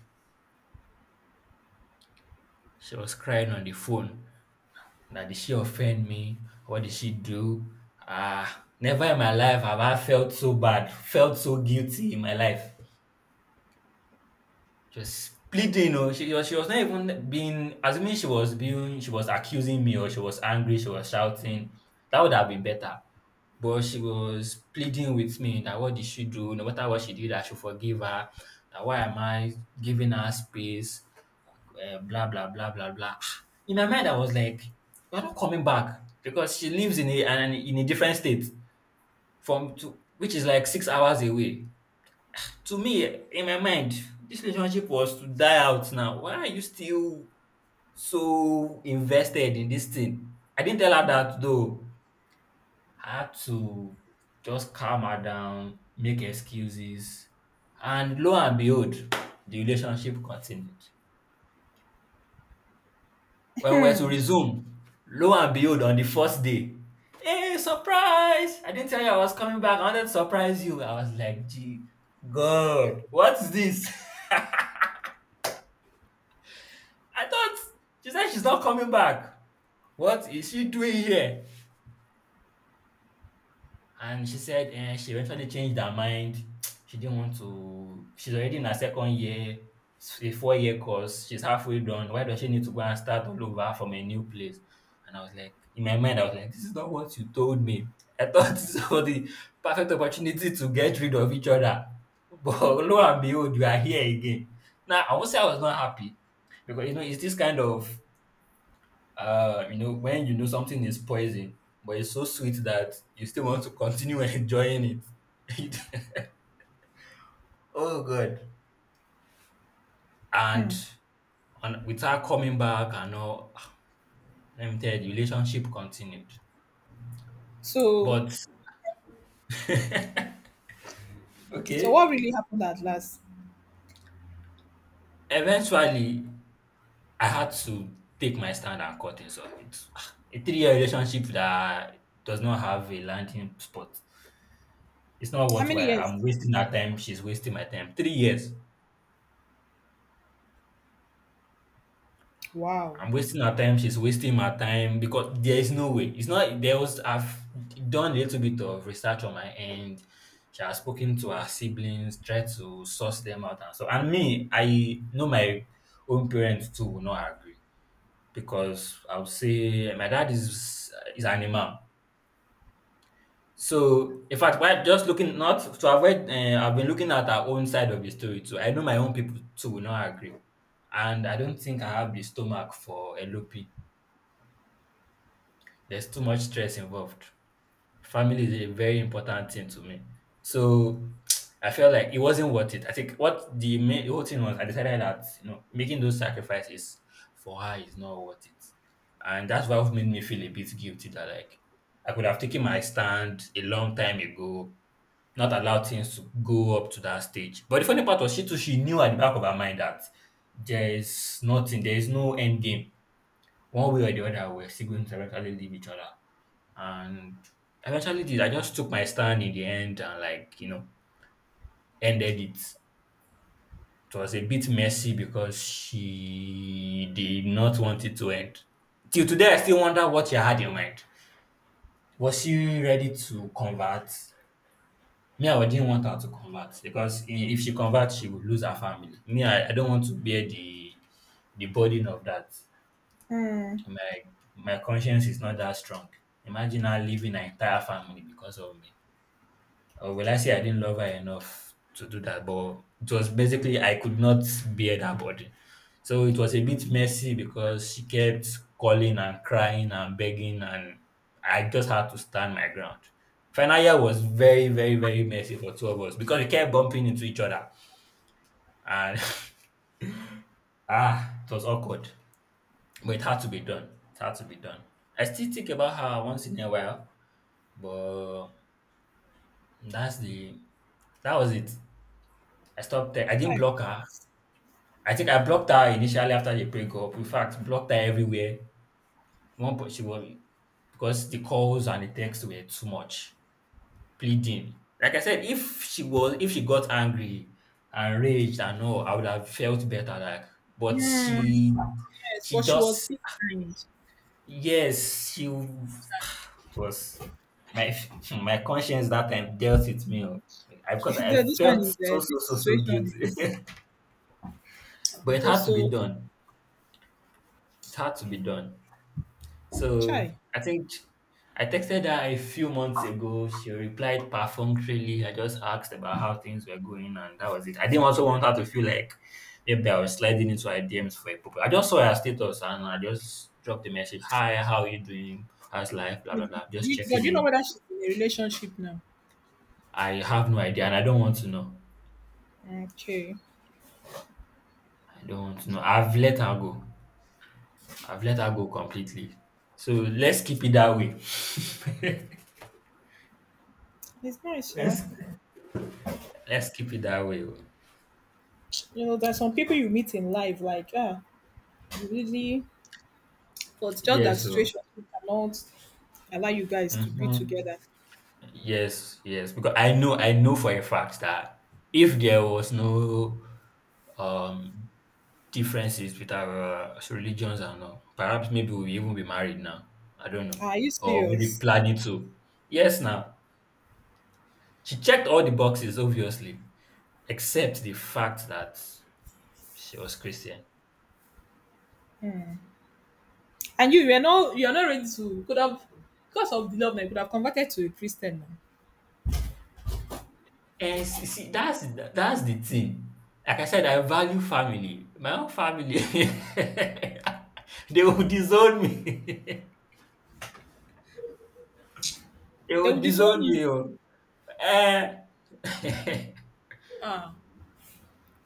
She was crying on the phone. That did she offend me? What did she do? Ah, never in my life have I felt so bad, felt so guilty in my life. She was splitting, you know. She was not even being assuming she was accusing me, or she was angry, she was shouting. That would have been better. But she was pleading with me that what did she do? No matter what she did, I should forgive her. That why am I giving her space? Blah blah blah blah blah. Ah, in my mind, I was like, "You're not coming back because she lives in a an, in a different state from to, which is like 6 hours away." To me, in my mind, this relationship was to die out. Now why are you still so invested in this thing? I didn't tell her that though. I had to just calm her down, make excuses, and lo and behold, the relationship continued. When we were to mm. resume, lo and behold, on the first day, "Hey, surprise, I didn't tell you I was coming back, I wanted to surprise you." I was like, gee, god, what's this? I thought she said she's not coming back. What is she doing here? And she said, eh, she eventually changed her mind. She didn't want to. She's already in her second year, a 4 year course. She's halfway done. Why does she need to go and start all over from a new place? And I was like, in my mind, I was like, this is not what you told me. I thought this was the perfect opportunity to get rid of each other. But lo and behold, we are here again. Now, I won't say I was not happy because, you know, it's this kind of you know, when you know something is poison, but it's so sweet that you still want to continue enjoying it. Oh god. And on with her coming back and all, let me tell you, the relationship continued. So, But so, okay, what really happened at last? eventually I had to take my stand and cut it. So it's a three-year relationship that does not have a landing spot. It's not How many worthwhile. years? I'm wasting her time. She's wasting my time. 3 years. Wow. I'm wasting her time. She's wasting my time because there is no way. It's not. There was. I've done a little bit of research on my end. She has spoken to her siblings, tried to source them out, and so. And me, I know my own parents too will not agree because I would say my dad is an imam. So in fact, while just looking not to avoid, I've been looking at our own side of the story too. I know my own people too will not agree, and I don't think I have the stomach for LOP. There's too much stress involved. Family is a very important thing to me. So I felt like it wasn't worth it. I think what the main the whole thing was, I decided that you know making those sacrifices for her is not worth it, and that's what made me feel a bit guilty that like I could have taken my stand a long time ago, not allow things to go up to that stage. But the funny part was she too, she knew at the back of her mind that there is nothing, there is no end game. One way or the other, we're still going to eventually leave each other, and I actually did. I just took my stand in the end and, like, you know, ended it. It was a bit messy because she did not want it to end. Till today, I still wonder what she had in mind. Was she ready to convert? Me, I didn't want her to convert because if she converts, she would lose her family. Me, I don't want to bear the burden of that. Hmm. My my conscience is not that strong. Imagine her leaving her entire family because of me. Or will I say I didn't love her enough to do that? But it was basically I could not bear her body. So it was a bit messy because she kept calling and crying and begging, and I just had to stand my ground. Final year was very, very, very messy for two of us because we kept bumping into each other, and ah, it was awkward. But it had to be done. It had to be done. I still think about her once in a while, but that's the that was it. I stopped. I didn't Chai. block her. I think I blocked her initially after the breakup. In fact, blocked her everywhere. One point she was, because the calls and the texts were too much, pleading. Like I said, if she was if she got angry and raged and all, I would have felt better. Like, but Mm. she Yes, she but she was just, still kind. yes, she it was my my conscience that time dealt with me. Oh. I, because I felt so so This so so situation guilty, is but it is had to be also done. It had to be done. chai. So I think I texted her a few months ago. She replied perfunctorily. I just asked about how things were going, and that was it. I didn't also want her to feel like maybe I was sliding into her DMs for a purpose. I just saw her status and I just dropped a message. Hi, how are you doing? How's life? Blah Do blah blah. Just but do checking you know in. whether she's in a relationship now? I have no idea, and I don't want to know. Okay. I don't want to know. I've let her go. I've let her go completely. So let's keep it that way. It's nice, yeah. let's let's keep it that way. Oh. You know, there's some people you meet in life, like, you really, but just Yeah, that so situation cannot allow you guys to be mhm. together. Yes, yes, because I know for a fact that if there was no um differences with our religions and all, perhaps maybe we'll even be married now. I don't know. Are you Or maybe serious? planning to. Yes, now. She checked all the boxes, obviously, except the fact that she was Christian. And you're not ready to, could have, because of the love, now, you could have converted to a Christian now. And see that's the thing. Like I said, I value family. My own family they will disown me. They They will would disown disown you. me oh. Eh. Ah,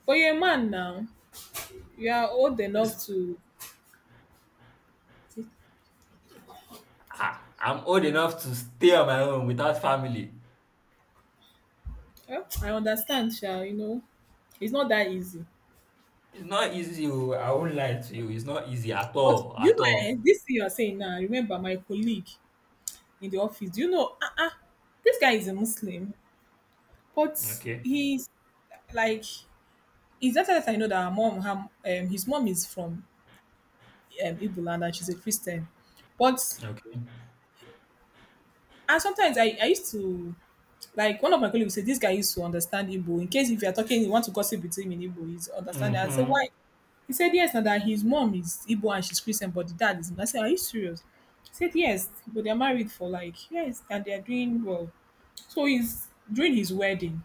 but you're a man now. You are old enough to. Ah, I'm old enough to stay on my own without family. Eh, I understand, Sha, it's not that easy. It's not easy oh, I won't lie to you. It's not easy at But all, you at know, eh, all. this thing you're saying now, remember my colleague, in the office. Do you know? Uh-uh, this guy is a Muslim, but Okay, he's like it's just that I know that her mom, his mom is from Igbo land and she's a Christian. But okay. and sometimes I used to like one of my colleagues said this guy used to understand Igbo. In case if you are talking, you want to gossip with him in Igbo, he's understanding. I said Mhm. why? He said yes, and that his mom is Igbo and she's Christian, but the dad is. I said, are you serious? He said yes, but they're married for like yes, and they're doing well. So he's during his wedding.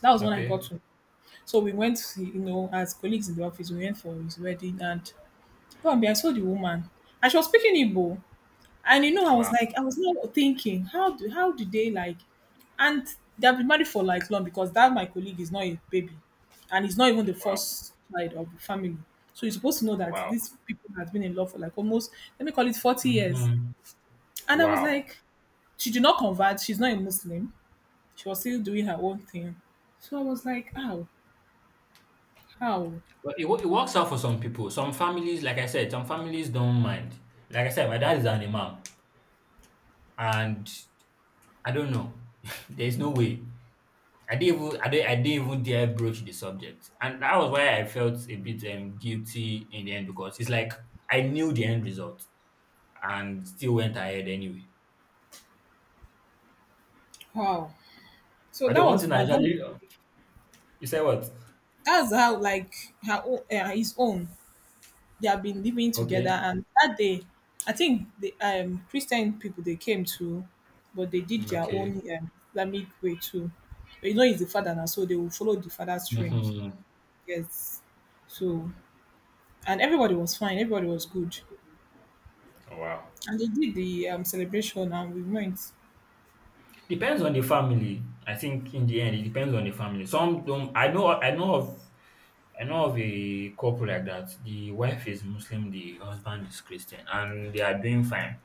That was when I got Okay. to. So we went, as colleagues in the office, we went for his wedding and lo and behold, I saw the woman and she was speaking Igbo. And I was Wow, like, I was not thinking, how do they like and they've been married for like long because that my colleague is not a baby and he's not even the wow, first child of the family. So you're supposed to know that wow. these people have been in love for like almost let me call it 40 years. Mhm. And I was Wow. like, she did not convert, she's not a Muslim. She was still doing her own thing. So I was like, how? How? But it, it works out for some people. Some families, like I said, some families don't mind. Like I said, my dad is an imam, and I don't know. There's no way. I didn't even dare broach the subject, and that was why I felt a bit guilty in the end because it's like I knew the end result and still went ahead anyway. How? So But that the one was thing I one. That actually you say what? that's how like her own, his own. They have been living together, Okay, and that day, I think the Christian people they came to, but they did their okay. own Islamic way too. He's the father now, so they will follow the father's trend. Hmm. Yes. So and everybody was fine. Everybody was good, Oh, wow. and they did the celebration, and we went. Depends on the family. I think in the end, it depends on the family. Some don't. I know. I know of a couple like that. The wife is Muslim, the husband is Christian, and they are doing fine.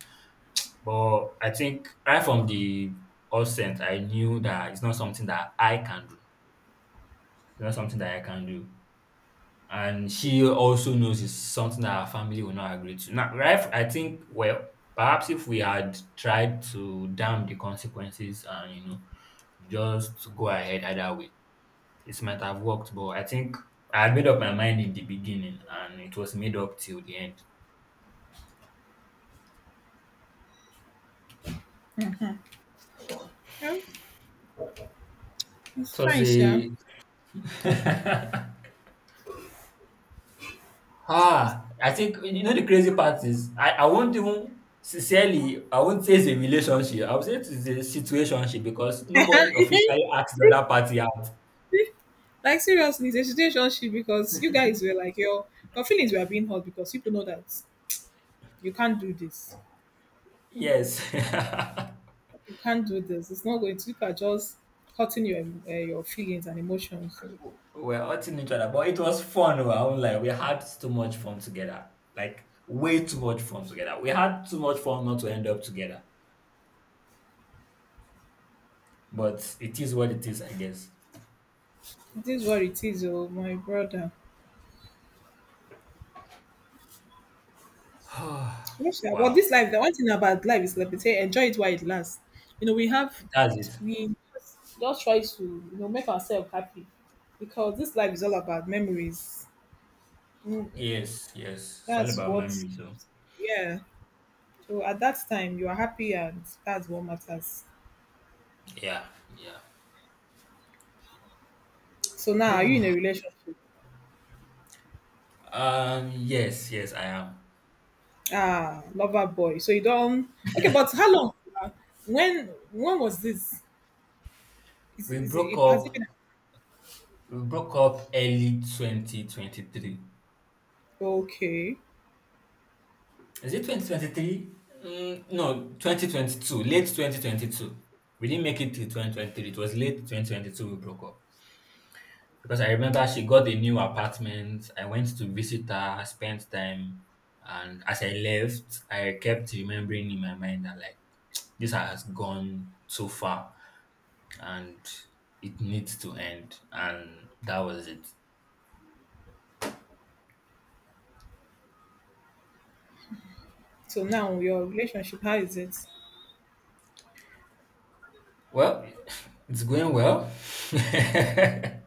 But I think right from the outset, I knew that it's not something that I can do. It's not something that I can do. And she also knows it's something that her family will not agree to. Now, right, I think, well, perhaps if we had tried to damn the consequences and, you know, just go ahead either way, it might have worked, but I think I had made up my mind in the beginning and it was made up till the end. Yeah, It it's was fine, sure. a ah, I think you know the crazy part is I won't even sincerely I won't say it's a relationship. I would say it's a situationship because nobody officially asked the other party out. Like seriously, it's a situationship because you guys were like your feelings were being hurt because people know that you can't do this, Yes. you can't do this. It's not going to. People are just hurting your feelings and emotions. We're hurting each other, but it was fun. Oh, I won't lie. We had too much fun together. Like way too much fun together. We had too much fun not to end up together. But it is what it is, I guess. It is what it is, oh my brother. Yes, sha, but Wow. this life, the one thing about life is like they say, enjoy it while it lasts. You know, we have That's it. we just try to make ourselves happy because this life is all about memories. Mm, Yes, yes. It's all that's about what memory, so keeps. Yeah, so at that time, you are happy, and that's what matters. yeah, yeah. So now, are you in a relationship? Yes, yes, I am. Ah, lover boy. So you don't. Okay, but how long? uh, When was this? We Is broke it Has it up. been? We broke up early 2023. Okay. Is it 2023? Mm, no, 2022. Late 2022. We didn't make it to 2023. It was late 2022 we broke up. Because I remember she got a new apartment. I went to visit her, spent time, and as I left, I kept remembering in my mind that like this has gone so far and it needs to end. And that was it. So now your relationship, how is it? Well, it's going well. It's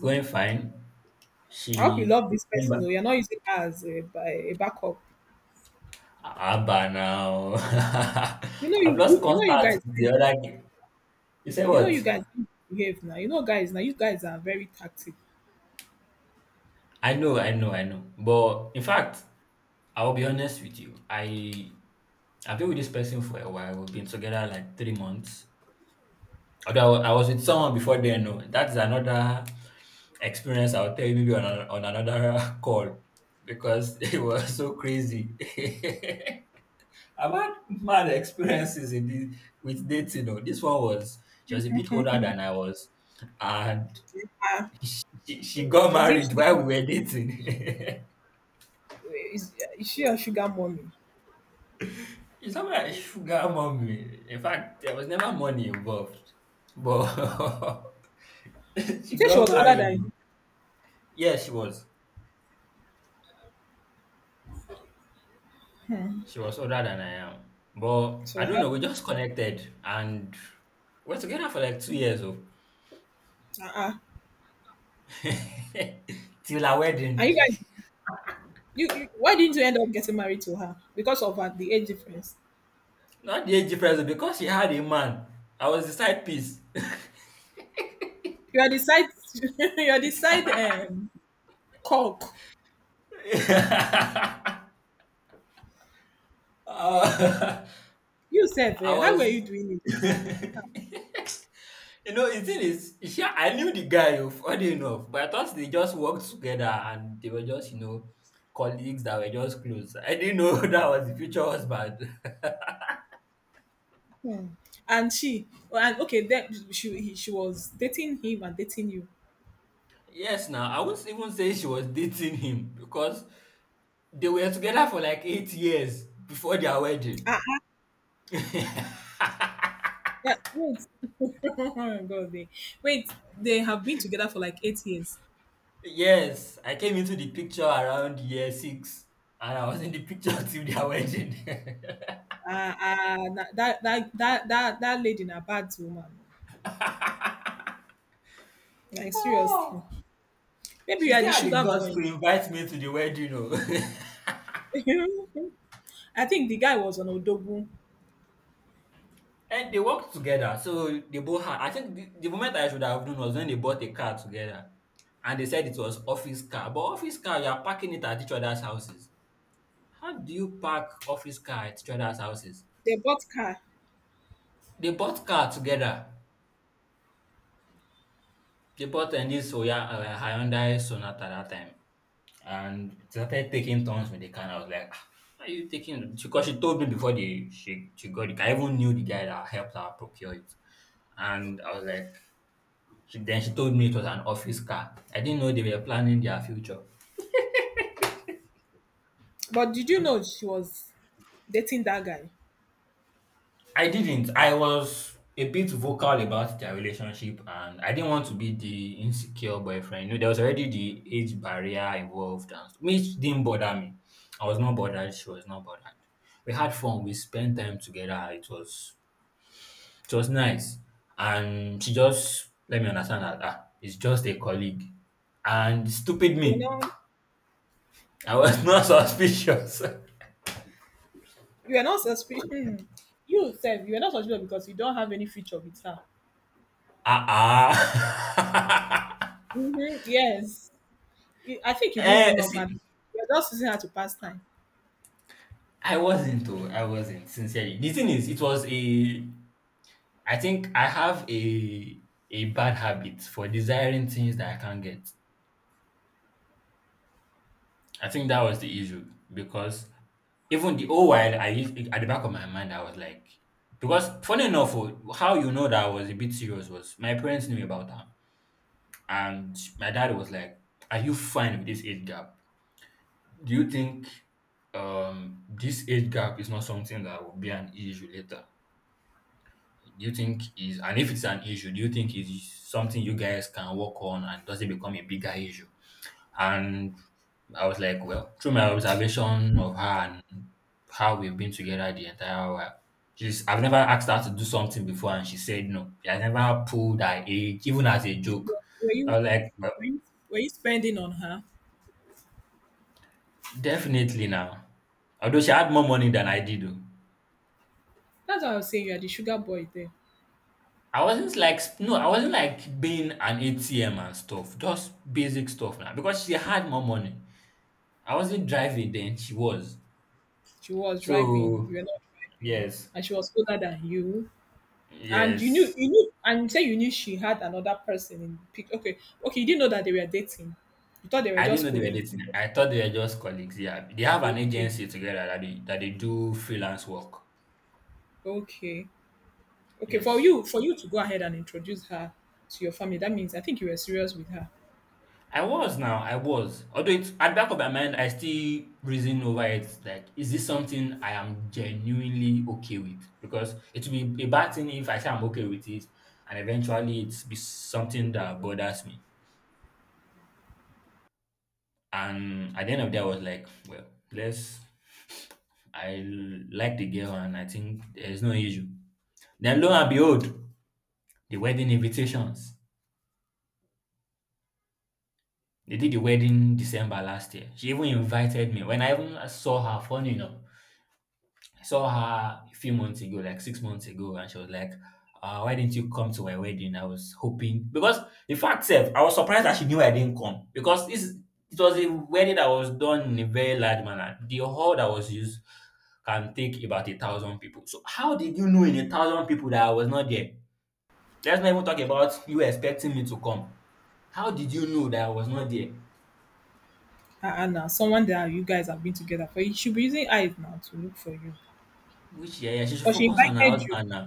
going fine. I hope you She love this came back. person, though you're not using her as a backup. Abba now. I've lost You know you contact guys. with the other. You say You know you what? guys behave now. You know guys now. You guys are very tactic. I know, I know, I know. But in fact, I'll be honest with you. I've been with this person for a while. We've been together like 3 months. Although I was with someone before then, no. That's another experience I'll tell you maybe on another call because it was so crazy. I've had mad experiences in this, with dating. No, this one was she was a bit older than I was, and Uh, she got is, it married sugar, while we were dating. is she a sugar mommy? It's not like sugar mommy. In fact, there was never money involved. But You she think she got was older married. than you? Oh. Yes, she was. She was older than I am. But I So don't her, know, we just connected and we're together for like 2 years oh. uh-uh. Till our And wedding. you guys, you why didn't you end up getting married to her because of her, the age difference? Not the age difference oh, because she had a man. I was the side piece. You are the side, you are the side cock. Uh, You said, I how were you was. doing it? You know, the thing is, she, I knew the guy, oh, funny enough, but I thought they just worked together and they were just, you know, colleagues that were just close. I didn't know that was the future husband. Hmm. And she, oh, and okay, then she was dating him and dating you. Yes, now, I wouldn't even say she was dating him because they were together for like 8 years before their wedding. Ah, ah, yeah, wait, oh my God, they, wait, they have been together for like 8 years. Yes, I came into the picture around year six and I was in the picture till their wedding. Ah, ah, that lady na bad woman. Like seriously, Oh, maybe she you are still the had the sugar guts boy. to invite me to the wedding, oh. I think the guy was on Odogun. And they worked together. So they both had. I think the moment I should have known was when they bought a car together, and they said it was office car. But office car, you are parking it at each other's houses. How do you park office car at each other's houses? They bought car. They bought car together. They bought a new Soya Hyundai Sonata that time, and it started taking turns with the car. And I was like, "Ah, why are you taking? Because she told me before the she got it. I even knew the guy that helped her procure it, and I was like, she, then she told me it was an office car. I didn't know they were planning their future. But did you know she was dating that guy? I didn't. I was a bit vocal about their relationship and I didn't want to be the insecure boyfriend. You know, there was already the age barrier involved and which didn't bother me. I was not bothered, she was not bothered. We had fun, we spent time together, it was nice. And she just let me understand that ah, it's just a colleague. And stupid You me. know, I was not suspicious. you are not suspicious. Hmm. You said you are not suspicious because you don't have any future with her. Ah, ah, Hmm, yes. I think you didn't eh, even love see, her. You're just using her to pass time. I wasn't though. I wasn't sincerely. The thing is, it was a. I think I have a bad habit for desiring things that I can't get. I think that was the issue because even the whole while I used at the back of my mind, I was like, because funny enough, oh, how you know that I was a bit serious was my parents knew about that, and my dad was like, "Are you fine with this age gap?" Do you think this age gap is not something that will be an issue later? Do you think is and if it's an issue, do you think is something you guys can work on and does it become a bigger issue? And I was like, well, through my observation of her and how we've been together the entire while, she's I've never asked her to do something before and she said no. I never pulled her age, even as a joke. But I was like, well, were you, were you spending on her? definitely now. Although she had more money than I did. Oh. That's why I was saying you are the sugar boy there. I wasn't like no, I wasn't like being an ATM and stuff, just basic stuff now because she had more money. I wasn't driving then, she was. She was driving, So you were not driving, yes, and she was older than you. And yes. you knew and you say you knew she had another person in the pic. Okay. Okay, you didn't know that they were dating. You thought they were I didn't know just they were colleagues. dating. I thought they were just colleagues. Yeah, they have an Okay. agency together that they do freelance work. Okay. Okay. For Yes. you for you to go ahead and introduce her to your family, that means I think you were serious with her. I was now, I was. Although it's at the back of my mind, I still reason over it. Like, is this something I am genuinely okay with? Because it will be a bad thing if I say I'm okay with it, and eventually it's be something that bothers me. And at the end of the day, I was like, well, let's. I like the girl, and I think there's no issue. Then lo and behold, the wedding invitations. They did the wedding December last year. She even invited me. When I even saw her, funny enough. I saw her a few months ago, like 6 months ago, and she was like, why didn't you come to my wedding? I was hoping because in fact, sef, I was surprised that she knew I didn't come because this it was a wedding that was done in a very large manner. The hall that was used can take about a thousand people. So how did you know in a thousand people that I was not there? Let's not even talk about you expecting me to come. How did you know that I was not there? Ah, now someone that you guys have been together for, you should be using eyes now to look for you. Which yeah, yeah, she should But she focus on her invited you. husband now.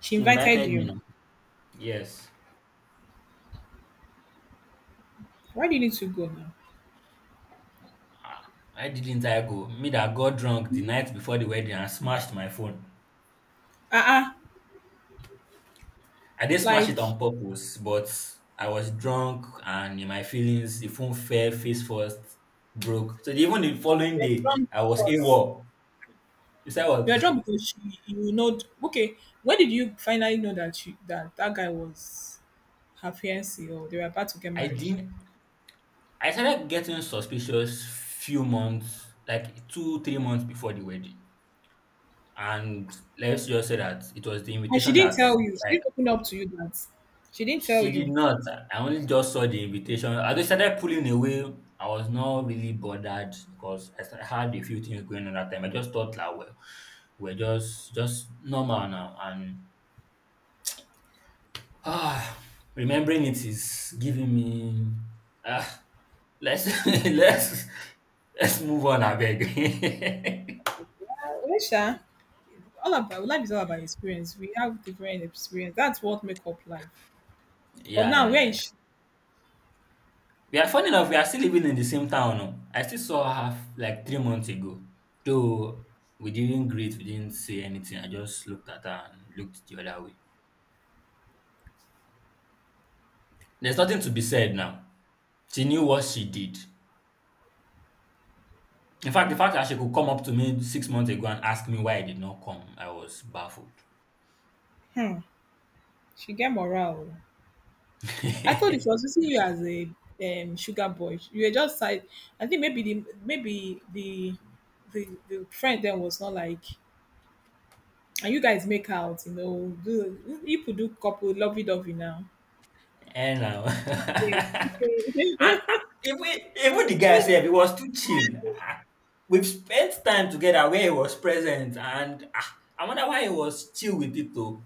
She She invited invited me you. now. Yes. Why did you need to go now? Why didn't I go? Me that got drunk the night before the wedding and smashed my phone. Ah, ah, I didn't smash it like on purpose, but I was drunk and in my feelings, the phone fell face first, broke. So even the following you're day, drunk I was because AWOL. You said what? you are drunk because she you know okay, when did you finally know that that guy was her fiancé or they were about to get I married? didn't. I started getting suspicious few months, like two, 3 months before the wedding. And let's just say that it was the And she invitation didn't that tell you. She like didn't open up to you that. She didn't tell she did you. not. I only just saw the invitation. I just started pulling away. I was not really bothered because I had a few things going on that time. I just thought like, well, we're just normal now. And ah, remembering it is giving me ah. Let's let's let's move on. I beg. Uh, well, sha, all about life is all about experience. We have different experience. That's what make up life. But Yeah, yeah, now yeah, where is yeah. she? We are funny enough, we are still living in the same town. Oh. I still saw her like 3 months ago. Though we didn't greet, we didn't say anything. I just looked at her and looked the other way. There's nothing to be said now. She knew what she did. In fact, the fact that she could come up to me 6 months ago and ask me why I did not come, I was baffled. Hmm, she get morale. Oh. I thought she was using you as a sugar boy. You were just like I think the friend then was not like and you guys make out, do people do couple lovey dovey now. And now. And even the guy said he was too chill. Ah, we've spent time together where he was present and ah, I wonder why he was chill with it though.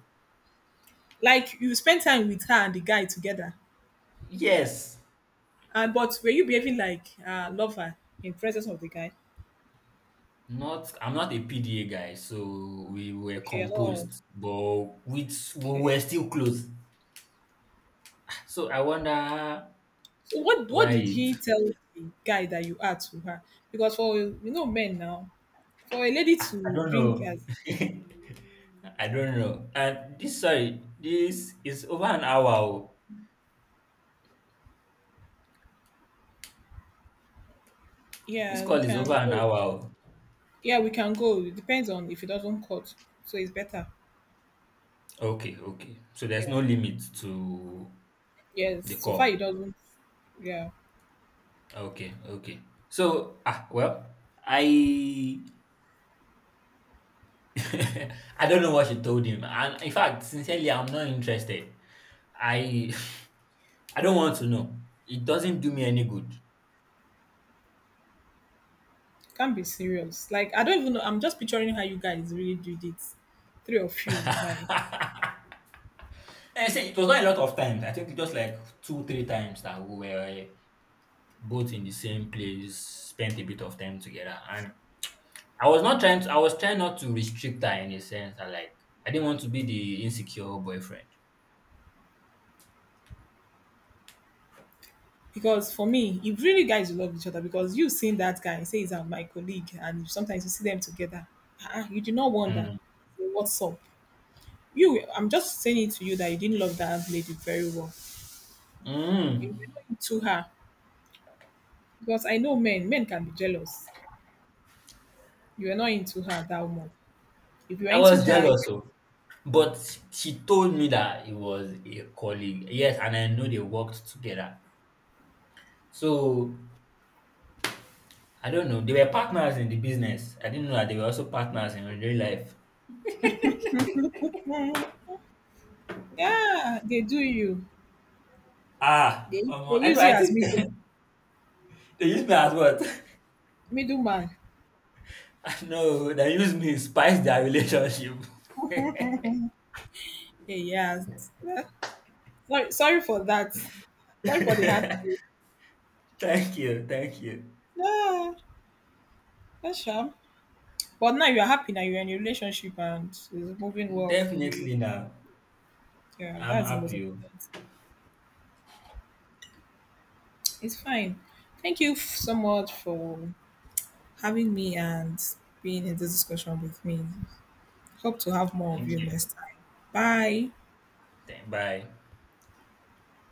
like you spend time with her and the guy together. Yes, And but were you behaving like a lover in presence of the guy? not I'm not a PDA guy, so we were Okay, at all. composed, but we Okay. were still close. So I wonder So what why did it he tell the guy that you are to her? Because for men now, for a lady I to don't bring know. as I don't know. And this sorry, this is over an hour oh. This yeah, we call is over can an go. hour oh. Yeah, we can go. It depends on if it doesn't cut. So it's better. Okay, okay. So there's no Yeah. limit to Yes. the So far call. it doesn't. Yeah. Okay, okay. So ah well, I I don't know what she told him. And in fact, sincerely, I'm not interested. I I don't want to know. It doesn't do me any good. Can't be serious. Like I don't even know. I'm just picturing how you guys really did it, three of you. Like And I said it was not a lot of times. I think it was like two, three times that we were both in the same place, spent a bit of time together. And I was trying not to restrict her in a sense that like I didn't want to be the insecure boyfriend. because for me, if really guys love each other, because you have seen that guy, say he's my colleague, and sometimes you see them together, you do not wonder Mm. "Hey, what's up?" I'm just saying it to you that you didn't love that lady very well. You Mm. were not into her because I know men. Men can be jealous. You were not into her that much. If you are I into was her, jealous oh. But she told me that it was a colleague. Yes, and I know they worked together. So I don't know. They were partners in the business. I didn't know that they were also partners in real life. yeah, they do you. Ah, They, they omo, I know. use you I as think middle they use me as what? middleman. No, they use me to spice their relationship. Hey, yeah. Eh, sorry, sorry for that. Sorry for the hard. Thank you, thank you. Yeah, that's sure. But now you're happy. Now you're in a relationship and it's moving well for you. Definitely now. Yeah, I'm that's the most happy. Oh. important thing. It's fine. Thank you so much for having me and being in this discussion with me. Hope to have more of Thank you you. next time. Bye. Then bye.